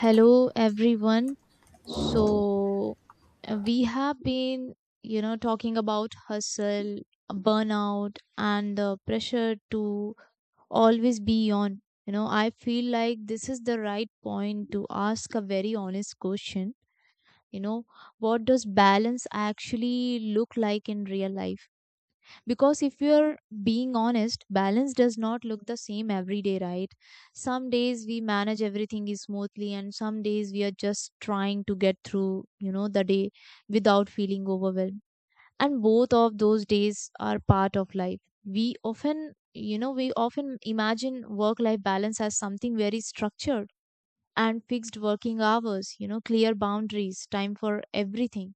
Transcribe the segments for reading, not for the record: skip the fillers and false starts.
Hello, everyone. So, we have been, talking about hustle, burnout, and the pressure to always be on. I feel like this is the right point to ask a very honest question. You know, what does balance actually look like in real life? Because if you're being honest, balance does not look the same every day, right? Some days we manage everything is smoothly, and some days we are just trying to get through the day without feeling overwhelmed. And both of those days are part of life. We often imagine work life balance as something very structured and fixed working hours, clear boundaries, time for everything.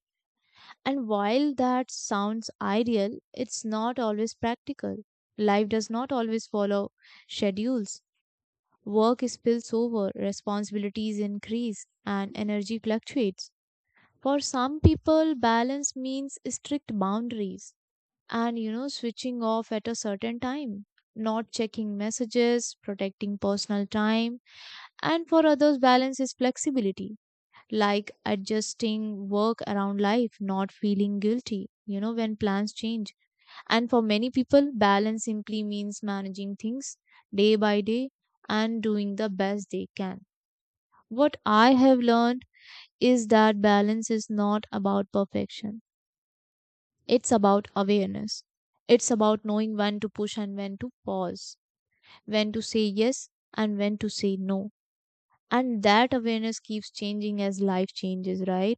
And while that sounds ideal, it's not always practical. Life does not always follow schedules. Work spills over, responsibilities increase, and energy fluctuates. For some people, balance means strict boundaries and, switching off at a certain time, not checking messages, protecting personal time. And for others, balance is flexibility like adjusting work around life, not feeling guilty, when plans change. And for many people, balance simply means managing things day by day and doing the best they can. What I have learned is that balance is not about perfection, it's about awareness. It's about knowing when to push and when to pause, when to say yes and when to say no. And that awareness keeps changing as life changes, right?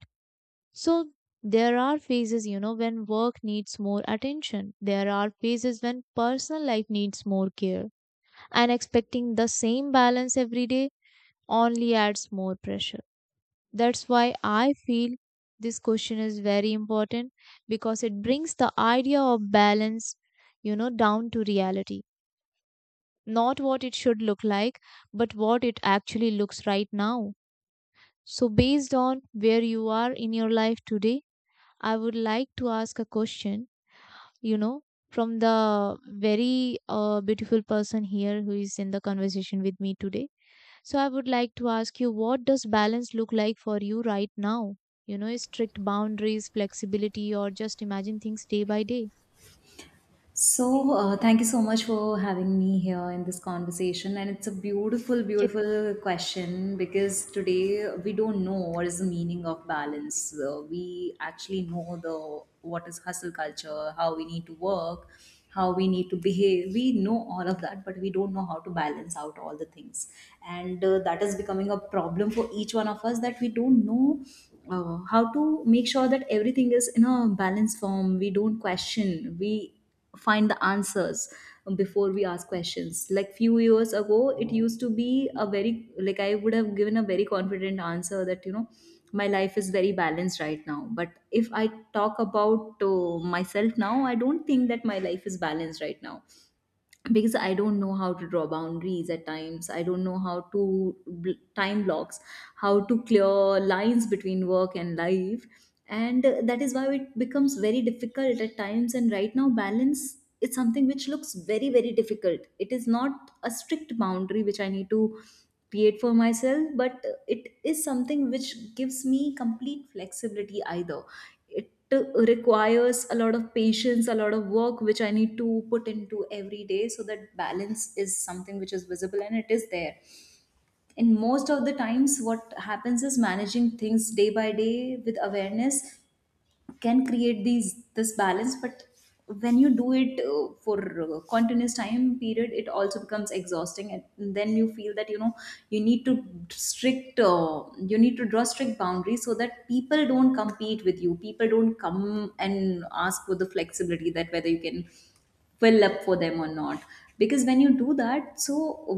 So there are phases, when work needs more attention. There are phases when personal life needs more care. And expecting the same balance every day only adds more pressure. That's why I feel this question is very important because it brings the idea of balance, down to reality. Not what it should look like, but what it actually looks right now. So, based on where you are in your life today, I would like to ask a question, you know, from the very beautiful person here who is in the conversation with me today. So I would like to ask you, what does balance look like for you right now? Strict boundaries, flexibility, or just imagine things day by day. So, thank you so much for having me here in this conversation. And it's a beautiful, Yes. beautiful question, because today we don't know what is the meaning of balance. We actually know the what is hustle culture, how we need to work, how we need to behave. We know all of that, but we don't know how to balance out all the things, and that is becoming a problem for each one of us, that we don't know how to make sure that everything is in a balanced form. We don't question. We find the answers before we ask questions. Like, few years ago it used to be a very, like, I would have given a very confident answer that my life is very balanced right now. But if I talk about myself now, I don't think that my life is balanced right now, because I don't know how to draw boundaries at times, I don't know how to time blocks, how to clear lines between work and life. And that is why it becomes very difficult at times. And right now balance is something which looks very, very difficult. It is not a strict boundary which I need to create for myself, but it is something which gives me complete flexibility. Either it requires a lot of patience, a lot of work, which I need to put into every day, so that balance is something which is visible and it is there. And most of the times, what happens is managing things day by day with awareness can create these this balance. But when you do it for continuous time period, it also becomes exhausting, and then you feel that you need to strict you need to draw strict boundaries, so that people don't compete with you, people don't come and ask for the flexibility, that whether you can fill up for them or not. Because when you do that, so,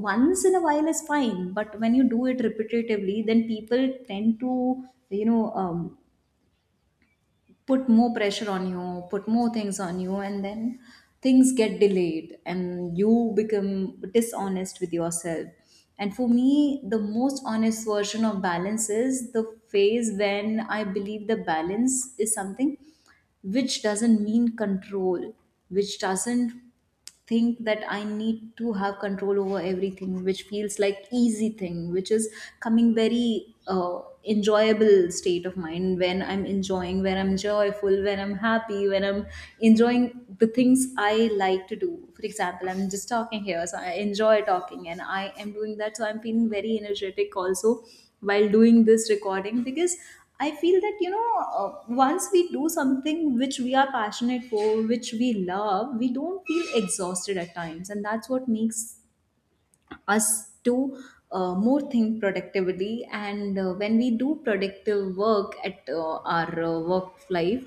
once in a while is fine, but when you do it repetitively, then people tend to you know um, put more pressure on you, put more things on you, and then things get delayed and you become dishonest with yourself. And for me, the most honest version of balance is the phase when I believe the balance is something which doesn't mean control, which doesn't think that I need to have control over everything, which feels like easy thing, which is coming very enjoyable state of mind. When I'm enjoying, when I'm joyful, when I'm happy, when I'm enjoying the things I like to do. For example, I'm just talking here, so I enjoy talking and I am doing that, so I'm feeling very energetic also while doing this recording, because I feel that, once we do something which we are passionate for, which we love, we don't feel exhausted at times. And that's what makes us to more think productively. And when we do productive work at our work life,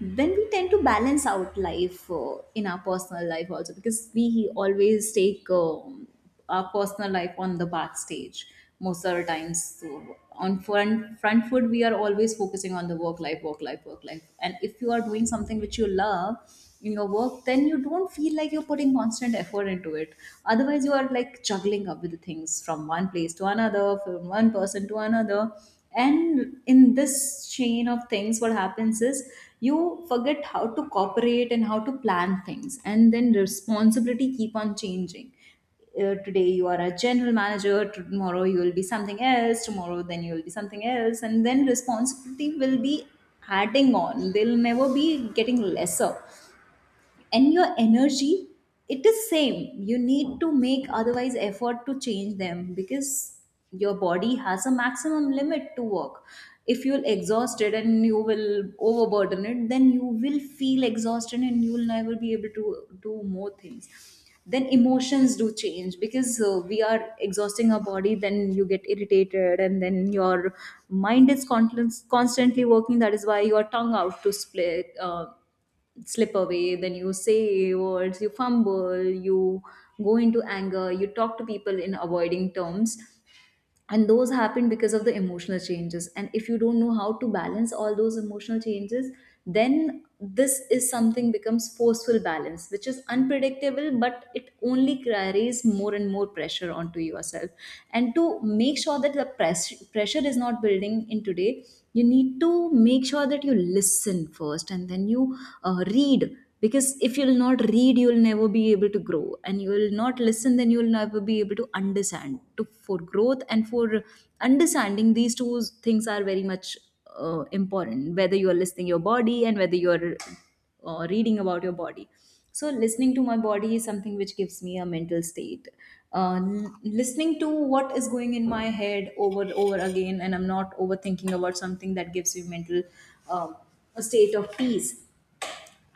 then we tend to balance out life in our personal life also, because we always take our personal life on the back stage most of the times. So on front foot we are always focusing on the work life, work life, work life. And if you are doing something which you love in your work, then you don't feel like you're putting constant effort into it. Otherwise you are like juggling up with things from one place to another, from one person to another. And in this chain of things, what happens is, you forget how to cooperate and how to plan things, and then responsibility keep on changing. Today you are a general manager, tomorrow you will be something else, tomorrow then you will be something else, and then responsibility will be adding on. They'll never be getting lesser. And your energy, it is same. You need to make otherwise effort to change them, because your body has a maximum limit to work. If you'll exhaust it and you will overburden it, then you will feel exhausted and you will never be able to do more things. Then emotions do change, because we are exhausting our body, then you get irritated, and then your mind is constantly working. That is why your tongue out to split slip away, then you say words, you fumble, you go into anger, you talk to people in avoiding terms. And those happen because of the emotional changes. And if you don't know how to balance all those emotional changes, then this is something becomes forceful balance, which is unpredictable, but it only carries more and more pressure onto yourself. And to make sure that the pressure is not building in today, you need to make sure that you listen first, and then you read. Because if you'll not read, you'll never be able to grow, and you'll not listen, then you'll never be able to understand for growth. And for understanding, these two things are very much important, whether you are listening your body and whether you are reading about your body. So, listening to my body is something which gives me a mental state. Listening to what is going in my head over again, and I'm not overthinking about something, that gives me mental um, a state of peace.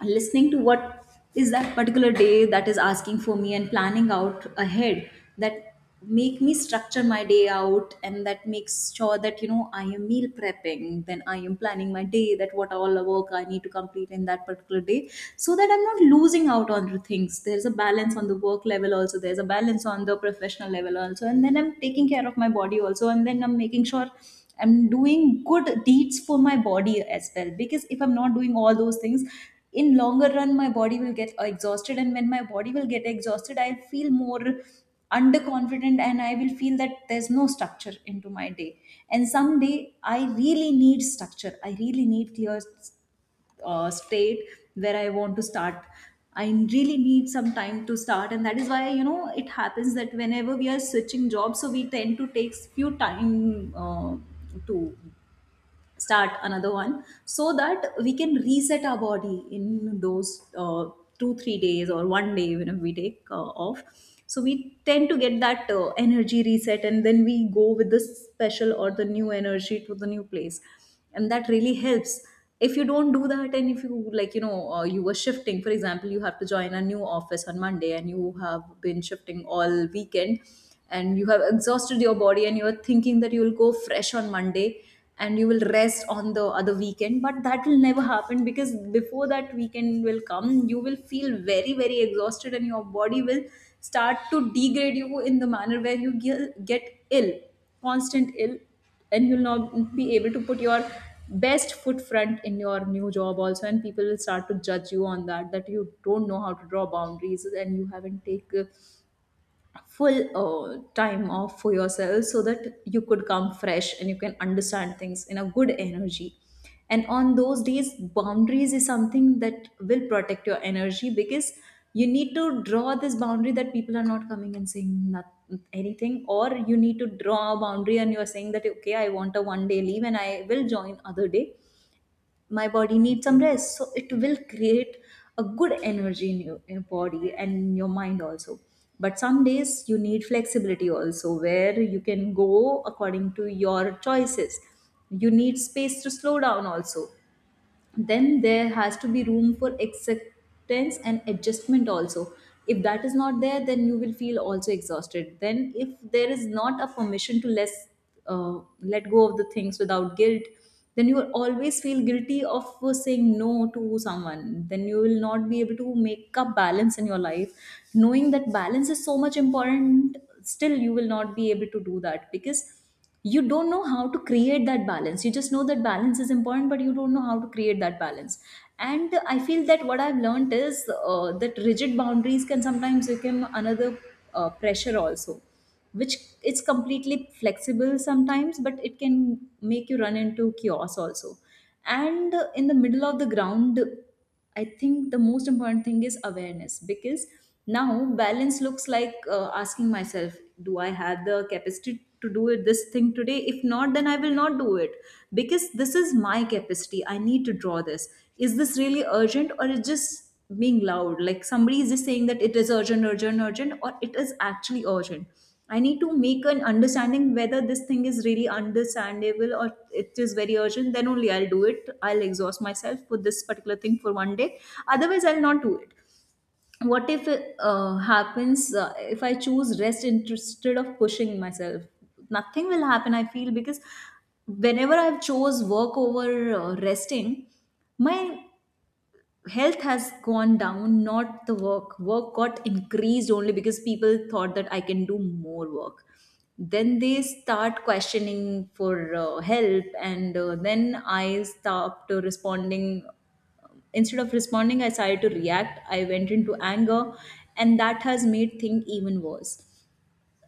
And listening to what is that particular day that is asking for me, and planning out ahead, that make me structure my day out. And that makes sure that I am meal prepping, then I am planning my day, that what all the work I need to complete in that particular day, so that I'm not losing out on the things. There's a balance on the work level also, there's a balance on the professional level also, and then I'm taking care of my body also, and then I'm making sure I'm doing good deeds for my body as well. Because if I'm not doing all those things, in longer run my body will get exhausted. And when my body will get exhausted, I'll feel more underconfident, and I will feel that there's no structure into my day. And someday I really need structure, I really need clear state where I want to start. I really need some time to start, and that is why it happens that whenever we are switching jobs, so we tend to take few time to start another one, so that we can reset our body in those 2-3 days or one day, when we take off. So we tend to get that energy reset, and then we go with the special or the new energy to the new place, and that really helps. If you don't do that, and if you like you were shifting, for example, you have to join a new office on Monday, and you have been shifting all weekend, and you have exhausted your body, and you're thinking that you'll go fresh on Monday, and you will rest on the other weekend. But that will never happen, because before that weekend will come, you will feel very, very exhausted, and your body will start to degrade you in the manner where you get ill, constant ill, and you'll not be able to put your best foot front in your new job also. And people will start to judge you on that, that you don't know how to draw boundaries, and you haven't take full time off for yourself, so that you could come fresh and you can understand things in a good energy. And on those days, boundaries is something that will protect your energy. Because you need to draw this boundary, that people are not coming and saying not, anything, or you need to draw a boundary and you are saying that, okay, I want a one day leave and I will join other day. My body needs some rest, so it will create a good energy in your body and your mind also. But some days you need flexibility also, where you can go according to your choices. You need space to slow down also. Then there has to be room for acceptance and adjustment also. If that is not there, then you will feel also exhausted. Then if there is not a permission to less let go of the things without guilt, then you will always feel guilty of saying no to someone. Then you will not be able to make up balance in your life. Knowing that balance is so much important, still you will not be able to do that, because you don't know how to create that balance. You just know that balance is important, but you don't know how to create that balance. And I feel that what I've learned is that rigid boundaries can sometimes become another pressure also, which it's completely flexible sometimes but it can make you run into chaos also, and in the middle of the ground. I think the most important thing is awareness, because now balance looks like asking myself, do I have the capacity to do it this thing today? If not, then I will not do it, because this is my capacity. I need to draw this. Is this really urgent, or is just being loud? Like somebody is just saying that it is urgent, urgent, urgent, or it is actually urgent. I need to make an understanding whether this thing is really understandable or it is very urgent. Then only I'll do it. I'll exhaust myself for this particular thing for one day. Otherwise, I'll not do it. What if it happens, if I choose rest instead of pushing myself? Nothing will happen, I feel, because whenever I've chose work over resting, my health has gone down, not the work got increased only because people thought that I can do more work. Then they start questioning for help, and then I stopped responding. Instead of responding, I started to react, I went into anger, and that has made things even worse.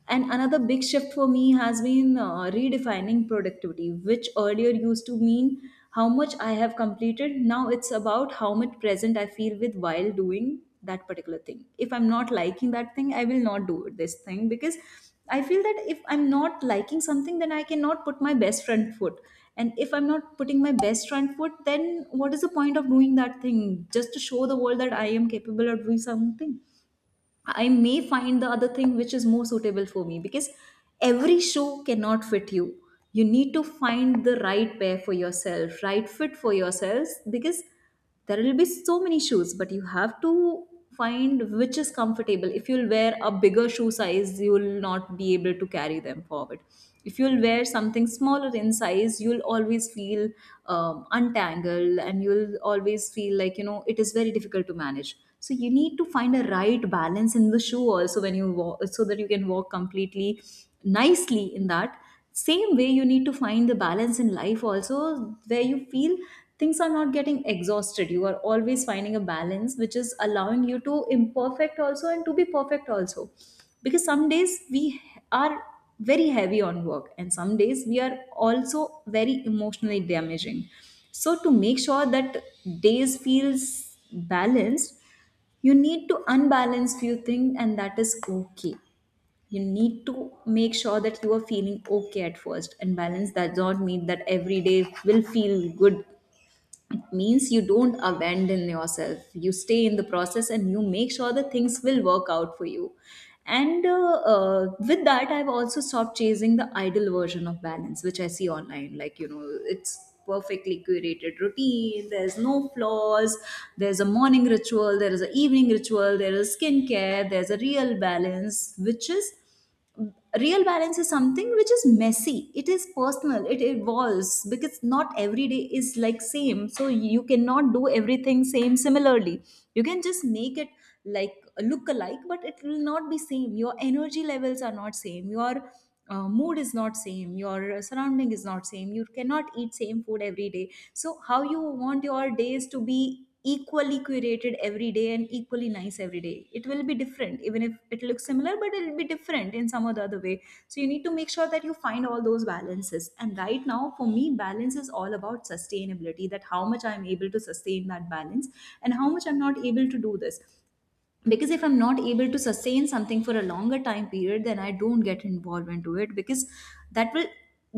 And another big shift for me has been redefining productivity, which earlier used to mean how much I have completed. Now it's about how much present I feel with while doing that particular thing. If I'm not liking that thing, I will not do this thing, because I feel that if I'm not liking something, then I cannot put my best front foot. And if I'm not putting my best front foot, then what is the point of doing that thing? Just to show the world that I am capable of doing something. I may find the other thing which is more suitable for me, because every shoe cannot fit you. You need to find the right pair for yourself, right fit for yourselves, because there will be so many shoes, but you have to find which is comfortable. If you'll wear a bigger shoe size, you will not be able to carry them forward. If you'll wear something smaller in size, you'll always feel untangled, and you'll always feel like, it is very difficult to manage. So you need to find a right balance in the shoe also when you walk, so that you can walk completely nicely in that same way. You need to find the balance in life also, where you feel things are not getting exhausted, you are always finding a balance which is allowing you to imperfect also and to be perfect also, because some days we are very heavy on work, and some days we are also very emotionally damaging. So to make sure that days feels balanced, you need to unbalance few things, and that is okay. You need to make sure that you are feeling okay at first, and balance does not mean that every day will feel good. It means you don't abandon yourself, you stay in the process, and you make sure that things will work out for you. And with that, I've also stopped chasing the ideal version of balance which I see online, like you know, it's perfectly curated routine, there's no flaws, there's a morning ritual, there is an evening ritual, there is skincare, there's a real balance which is, real balance is something which is messy, it is personal, it evolves, because not every day is like same, so you cannot do everything same similarly. You can just make it like look alike, but it will not be same. Your energy levels are not same, your mood is not same, your surrounding is not same, you cannot eat same food every day. So how you want your days to be equally curated every day and equally nice every day? It will be different. Even if it looks similar, but it'll be different in some or the other way. So you need to make sure that you find all those balances, and right now for me balance is all about sustainability, that how much I'm able to sustain that balance and how much I'm not able to do this, because if I'm not able to sustain something for a longer time period, then I don't get involved into it, because that will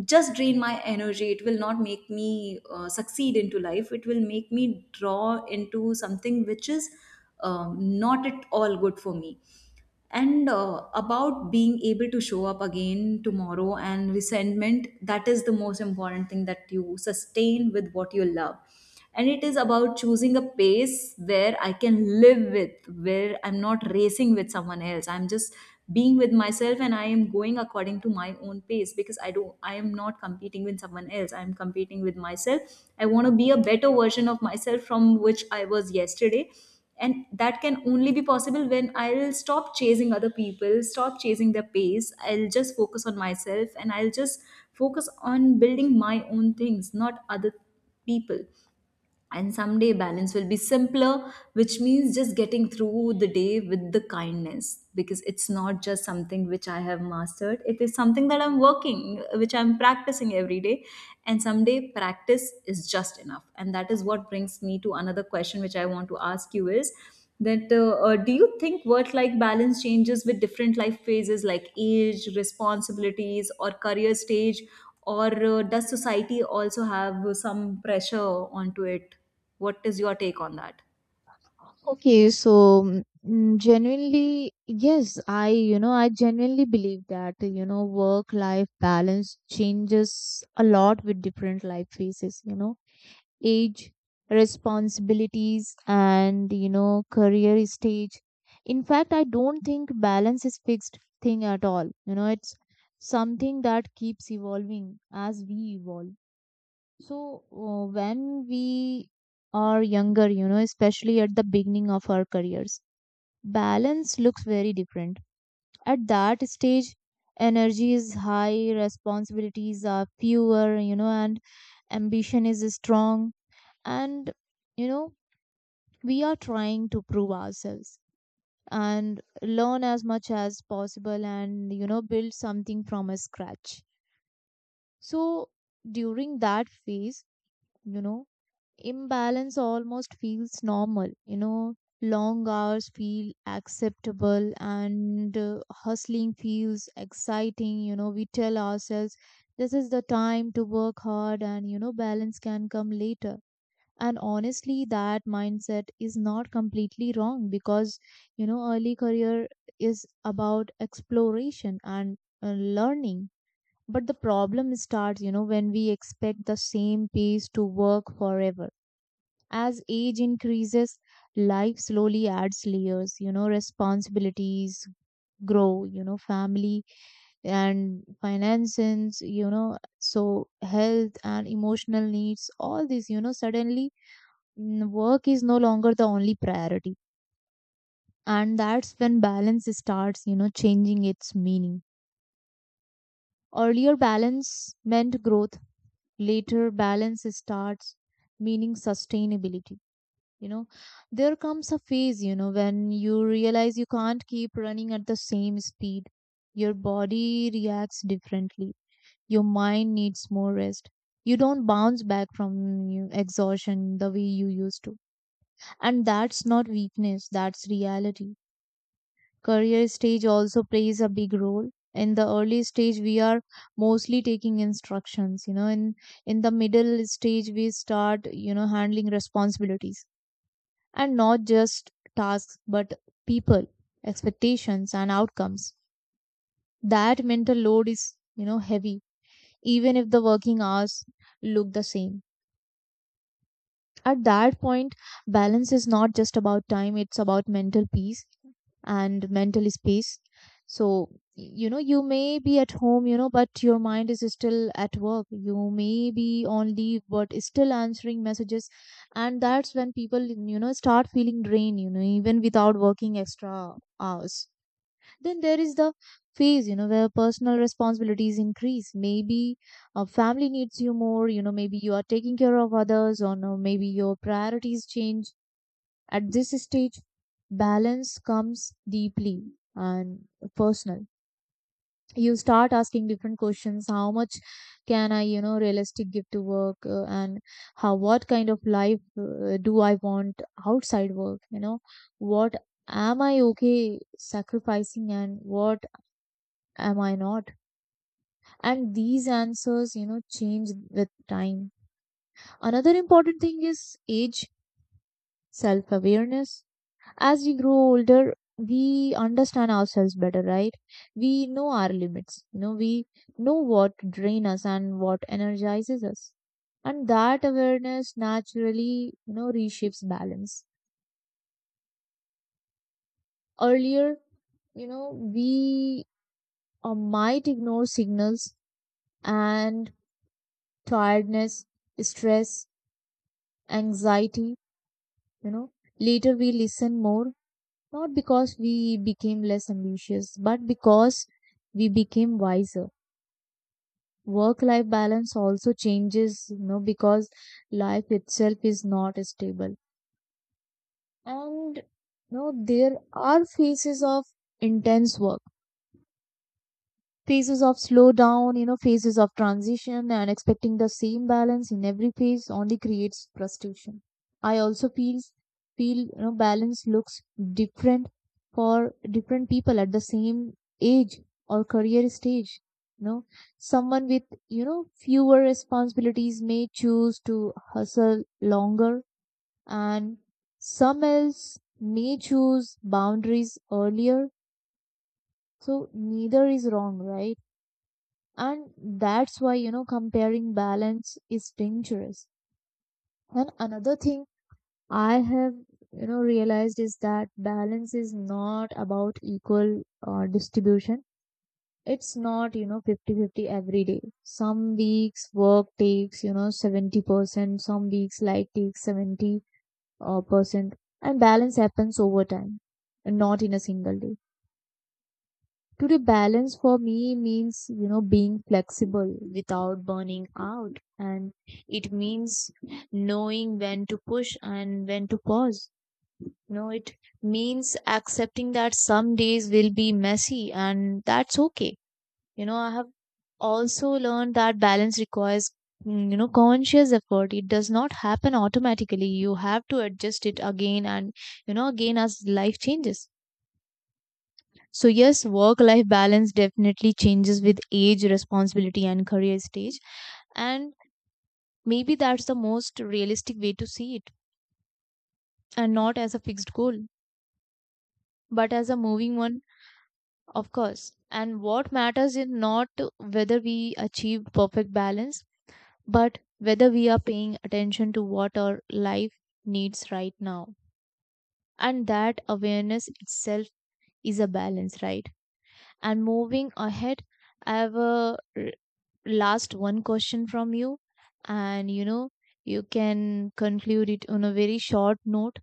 just drain my energy, it will not make me succeed into life, it will make me draw into something which is not at all good for me. And about being able to show up again tomorrow and resentment, that is the most important thing, that you sustain with what you love. And it is about choosing a pace where I can live with, where I'm not racing with someone else, I'm just being with myself, and I am going according to my own pace, because I do, I am not competing with someone else, I'm competing with myself. I want to be a better version of myself from which I was yesterday, and that can only be possible when I'll stop chasing other people, stop chasing their pace. I'll just focus on myself, and I'll just focus on building my own things, not other people. And someday balance will be simpler, which means just getting through the day with the kindness, because it's not just something which I have mastered, it is something that I'm working, which I'm practicing every day. And someday practice is just enough. And that is what brings me to another question which I want to ask you is that, do you think work-life balance changes with different life phases like age, responsibilities, or career stage, or does society also have some pressure onto it? What is your take on that? Okay, so genuinely, yes, I genuinely believe that, work life balance changes a lot with different life phases. Age, responsibilities, and career stage. In fact, I don't think balance is fixed thing at all. It's something that keeps evolving as we evolve. So when we are younger, especially at the beginning of our careers, balance looks very different. At that stage, energy is high, responsibilities are fewer, and ambition is strong, and you know we are trying to prove ourselves and learn as much as possible, and build something from a scratch. So during that phase, you know imbalance almost feels normal. Long hours feel acceptable, and hustling feels exciting. We tell ourselves this is the time to work hard, and balance can come later. And honestly, that mindset is not completely wrong, because early career is about exploration and learning. But the problem starts when we expect the same pace to work forever. As age increases, life slowly adds layers. Responsibilities grow, family and finances. So health and emotional needs, all these, suddenly, work is no longer the only priority. And that's when balance starts, changing its meaning. Earlier, balance meant growth. Later, balance starts meaning sustainability you know there comes a phase, when you realize you can't keep running at the same speed. Your body reacts differently, your mind needs more rest, you don't bounce back from exhaustion the way you used to. And that's not weakness, that's reality. Career stage also plays a big role. In the early stage, we are mostly taking instructions. In the middle stage, we start handling responsibilities, and not just tasks, but people, expectations, and outcomes. That mental load is heavy, even if the working hours look the same. At that point, balance is not just about time, it's about mental peace and mental space. So, you may be at home, but your mind is still at work. You may be on leave, but still answering messages. And that's when people, start feeling drained, even without working extra hours. Then there is the phase, where personal responsibilities increase. Maybe a family needs you more, maybe you are taking care of others, or no, maybe your priorities change. At this stage, balance comes deeply and personal. You start asking different questions. How much can I, realistic give to work, and how what kind of life do I want outside work, what am I okay sacrificing and what am I not? And these answers, change with time. Another important thing is age, self awareness. As we grow older, we understand ourselves better, right? We know our limits. We know what drain us and what energizes us. And that awareness naturally, reshapes balance. Earlier, we might ignore signals and tiredness, stress, anxiety you know Later we listen more, not because we became less ambitious, but because we became wiser. Work life balance also changes, because life itself is not stable. And there are phases of intense work, phases of slowdown, phases of transition, and expecting the same balance in every phase only creates frustration. I also feel balance looks different for different people at the same age or career stage. You know, someone with fewer responsibilities may choose to hustle longer, and some else may choose boundaries earlier. So neither is wrong, right? And that's why comparing balance is dangerous. And another thing I have realized is that balance is not about equal distribution. It's not 50/50 every day. Some weeks work takes, 70%. Some weeks light takes 70 percent. And balance happens over time, not in a single day. Today, balance for me means, being flexible without burning out. And it means knowing when to push and when to pause. It means accepting that some days will be messy and that's okay. I have also learned that balance requires, conscious effort. It does not happen automatically. You have to adjust it again and, again as life changes. So, yes, work life balance definitely changes with age, responsibility, and career stage. And maybe that's the most realistic way to see it, and not as a fixed goal, but as a moving one, of course. And what matters is not whether we achieve perfect balance, but whether we are paying attention to what our life needs right now. And that awareness itself is a balance, right? And moving ahead, I have a last one question from you, and you can conclude it on a very short note.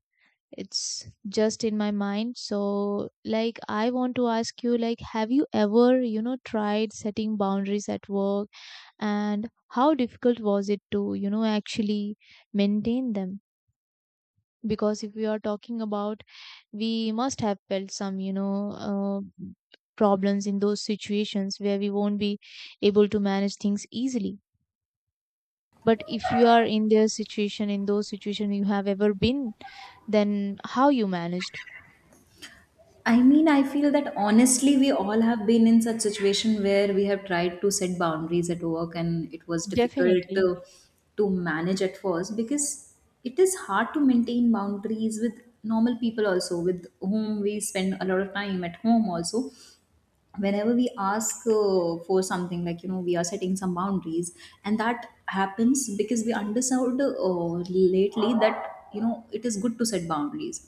It's just in my mind, so like I want to ask you, like have you ever tried setting boundaries at work and how difficult was it to actually maintain them? Because if we are talking about, we must have felt some problems in those situations where we won't be able to manage things easily. But if you are in their situation, in those situation you have ever been, then how you managed. I mean, I feel that honestly, we all have been in such situation where we have tried to set boundaries at work, and it was difficult definitely to manage at first, because it is hard to maintain boundaries with normal people also, with whom we spend a lot of time at home also. Whenever we ask for something, like you know, we are setting some boundaries, and that happens because we understood lately that, you know, it is good to set boundaries.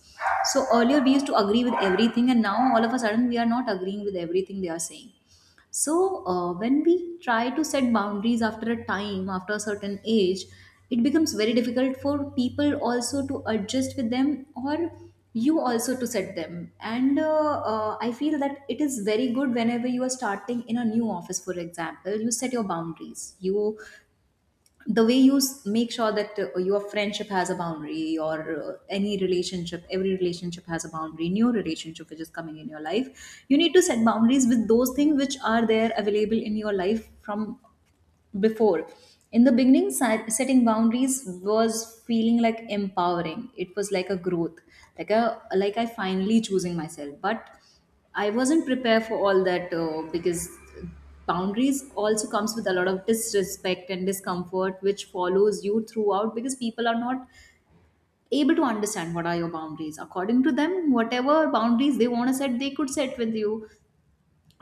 So earlier we used to agree with everything, and now all of a sudden we are not agreeing with everything they are saying. So, when we try to set boundaries after a time, after a certain age, it becomes very difficult for people also to adjust with them, or you also to set them. And I feel that it is very good whenever you are starting in a new office, for example, you set your boundaries. You, the way you make sure that your friendship has a boundary, or any relationship, every relationship has a boundary. New relationship which is coming in your life, you need to set boundaries with those things which are there available in your life from before. In the beginning, setting boundaries was feeling like empowering, it was like a growth, like a, like I finally choosing myself. But I wasn't prepared for all that, because boundaries also comes with a lot of disrespect and discomfort which follows you throughout, because people are not able to understand what are your boundaries. According to them, whatever boundaries they want to set, they could set with you,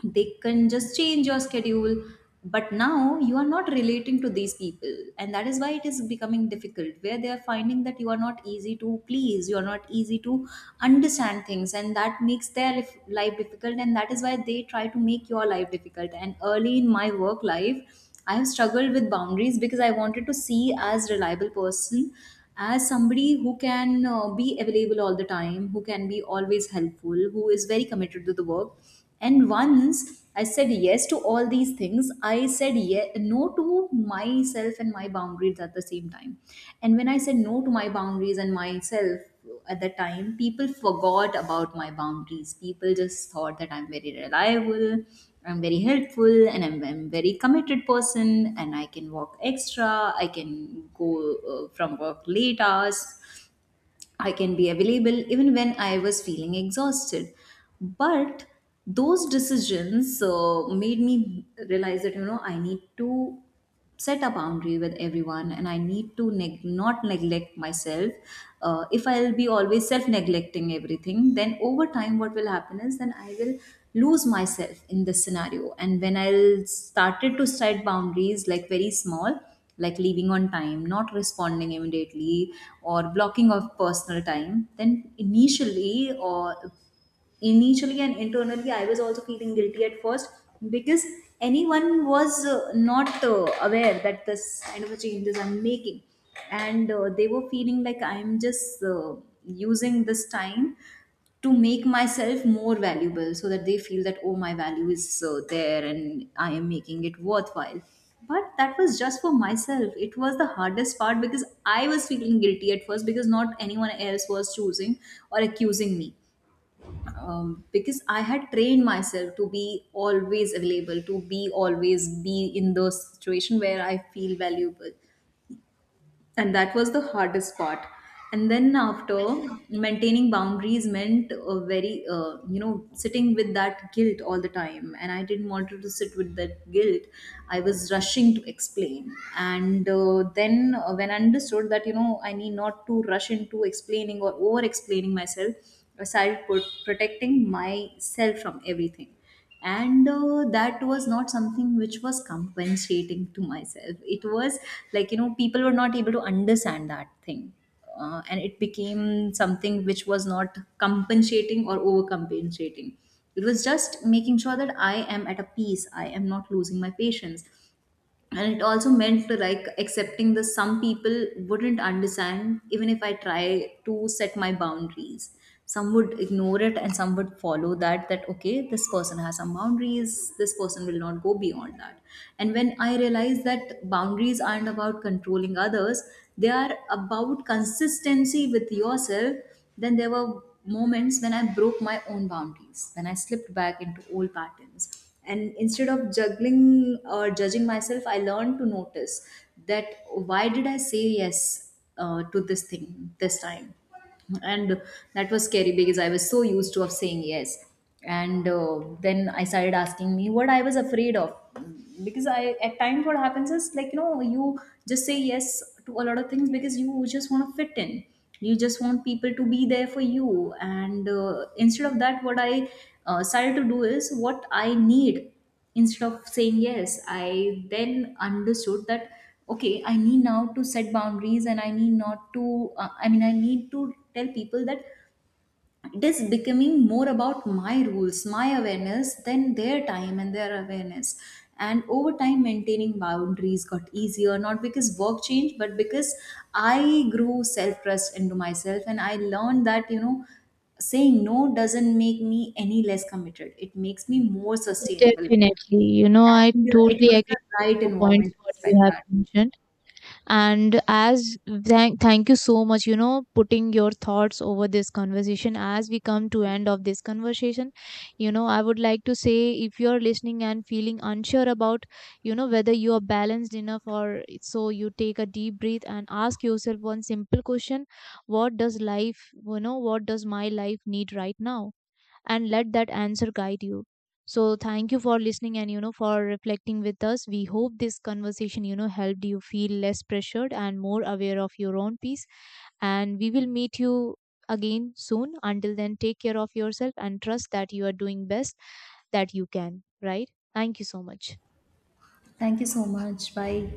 they can just change your schedule. But now you are not relating to these people, and that is why it is becoming difficult, where they are finding that you are not easy to please, you are not easy to understand things, and that makes their life difficult, and that is why they try to make your life difficult. And early in my work life, I have struggled with boundaries, because I wanted to see as reliable person, as somebody who can be available all the time, who can be always helpful, who is very committed to the work. And once I said yes to all these things, I said no to myself and my boundaries at the same time. And when I said no to my boundaries and myself at the time, people forgot about my boundaries. People just thought that I'm very reliable, I'm very helpful, and I'm very committed person, and I can work extra, I can go from work late hours, I can be available even when I was feeling exhausted. But those decisions made me realize that, you know, I need to set a boundary with everyone, and I need to not neglect myself. If I'll be always self neglecting everything, then over time, what will happen is then I will lose myself in this scenario. And when I'll started to set boundaries like very small, like leaving on time, not responding immediately, or blocking of personal time, then initially and internally I was also feeling guilty at first because anyone was not aware that this kind of a changes I'm making and they were feeling like I'm just using this time to make myself more valuable so that they feel that oh my value is there and I am making it worthwhile. But that was just for myself, it was the hardest part because I was feeling guilty at first because not anyone else was choosing or accusing me. Because I had trained myself to be always available, to be always be in the situation where I feel valuable, and that was the hardest part. And then after, maintaining boundaries meant a very sitting with that guilt all the time, and I didn't want to sit with that guilt. I was rushing to explain, and then when I understood that I need not to rush into explaining or over explaining myself, I started protecting myself from everything. And that was not something which was compensating to myself, it was like people were not able to understand that thing. And it became something which was not compensating or overcompensating. It was just making sure that I am at a peace, I am not losing my patience. And it also meant like accepting that some people wouldn't understand even if I try to set my boundaries. Some would ignore it and some would follow that, that okay this person has some boundaries, this person will not go beyond that. And when I realized that boundaries aren't about controlling others, they are about consistency with yourself. Then there were moments when I broke my own boundaries, when I slipped back into old patterns, and instead of juggling or judging myself I learned to notice that, why did I say yes to this thing this time. And that was scary because I was so used to of saying yes. And then I started asking me what I was afraid of. Because I, at times what happens is like you just say yes to a lot of things because you just want to fit in, you just want people to be there for you. And instead of that, what I started to do is what I need. Instead of saying yes, I then understood that okay, I need now to set boundaries and I need not to, I mean I need to tell people that it is becoming more about my rules, my awareness than their time and their awareness. And over time, maintaining boundaries got easier, not because work changed, but because I grew self trust into myself, and I learned that, saying no doesn't make me any less committed, it makes me more sustainable. definitely I And it totally was agree the right with your environment points to what you respect have that. mentioned. And as thank you so much putting your thoughts over this conversation as we come to end of this conversation. I would like to say, if you're listening and feeling unsure about whether you are balanced enough or so, you take a deep breath and ask yourself one simple question. What does my life need right now? And let that answer guide you. So thank you for listening, and for reflecting with us. We hope this conversation helped you feel less pressured and more aware of your own peace. And we will meet you again soon. Until then, take care of yourself and trust that you are doing best that you can, right? Thank you so much. Thank you so much. Bye.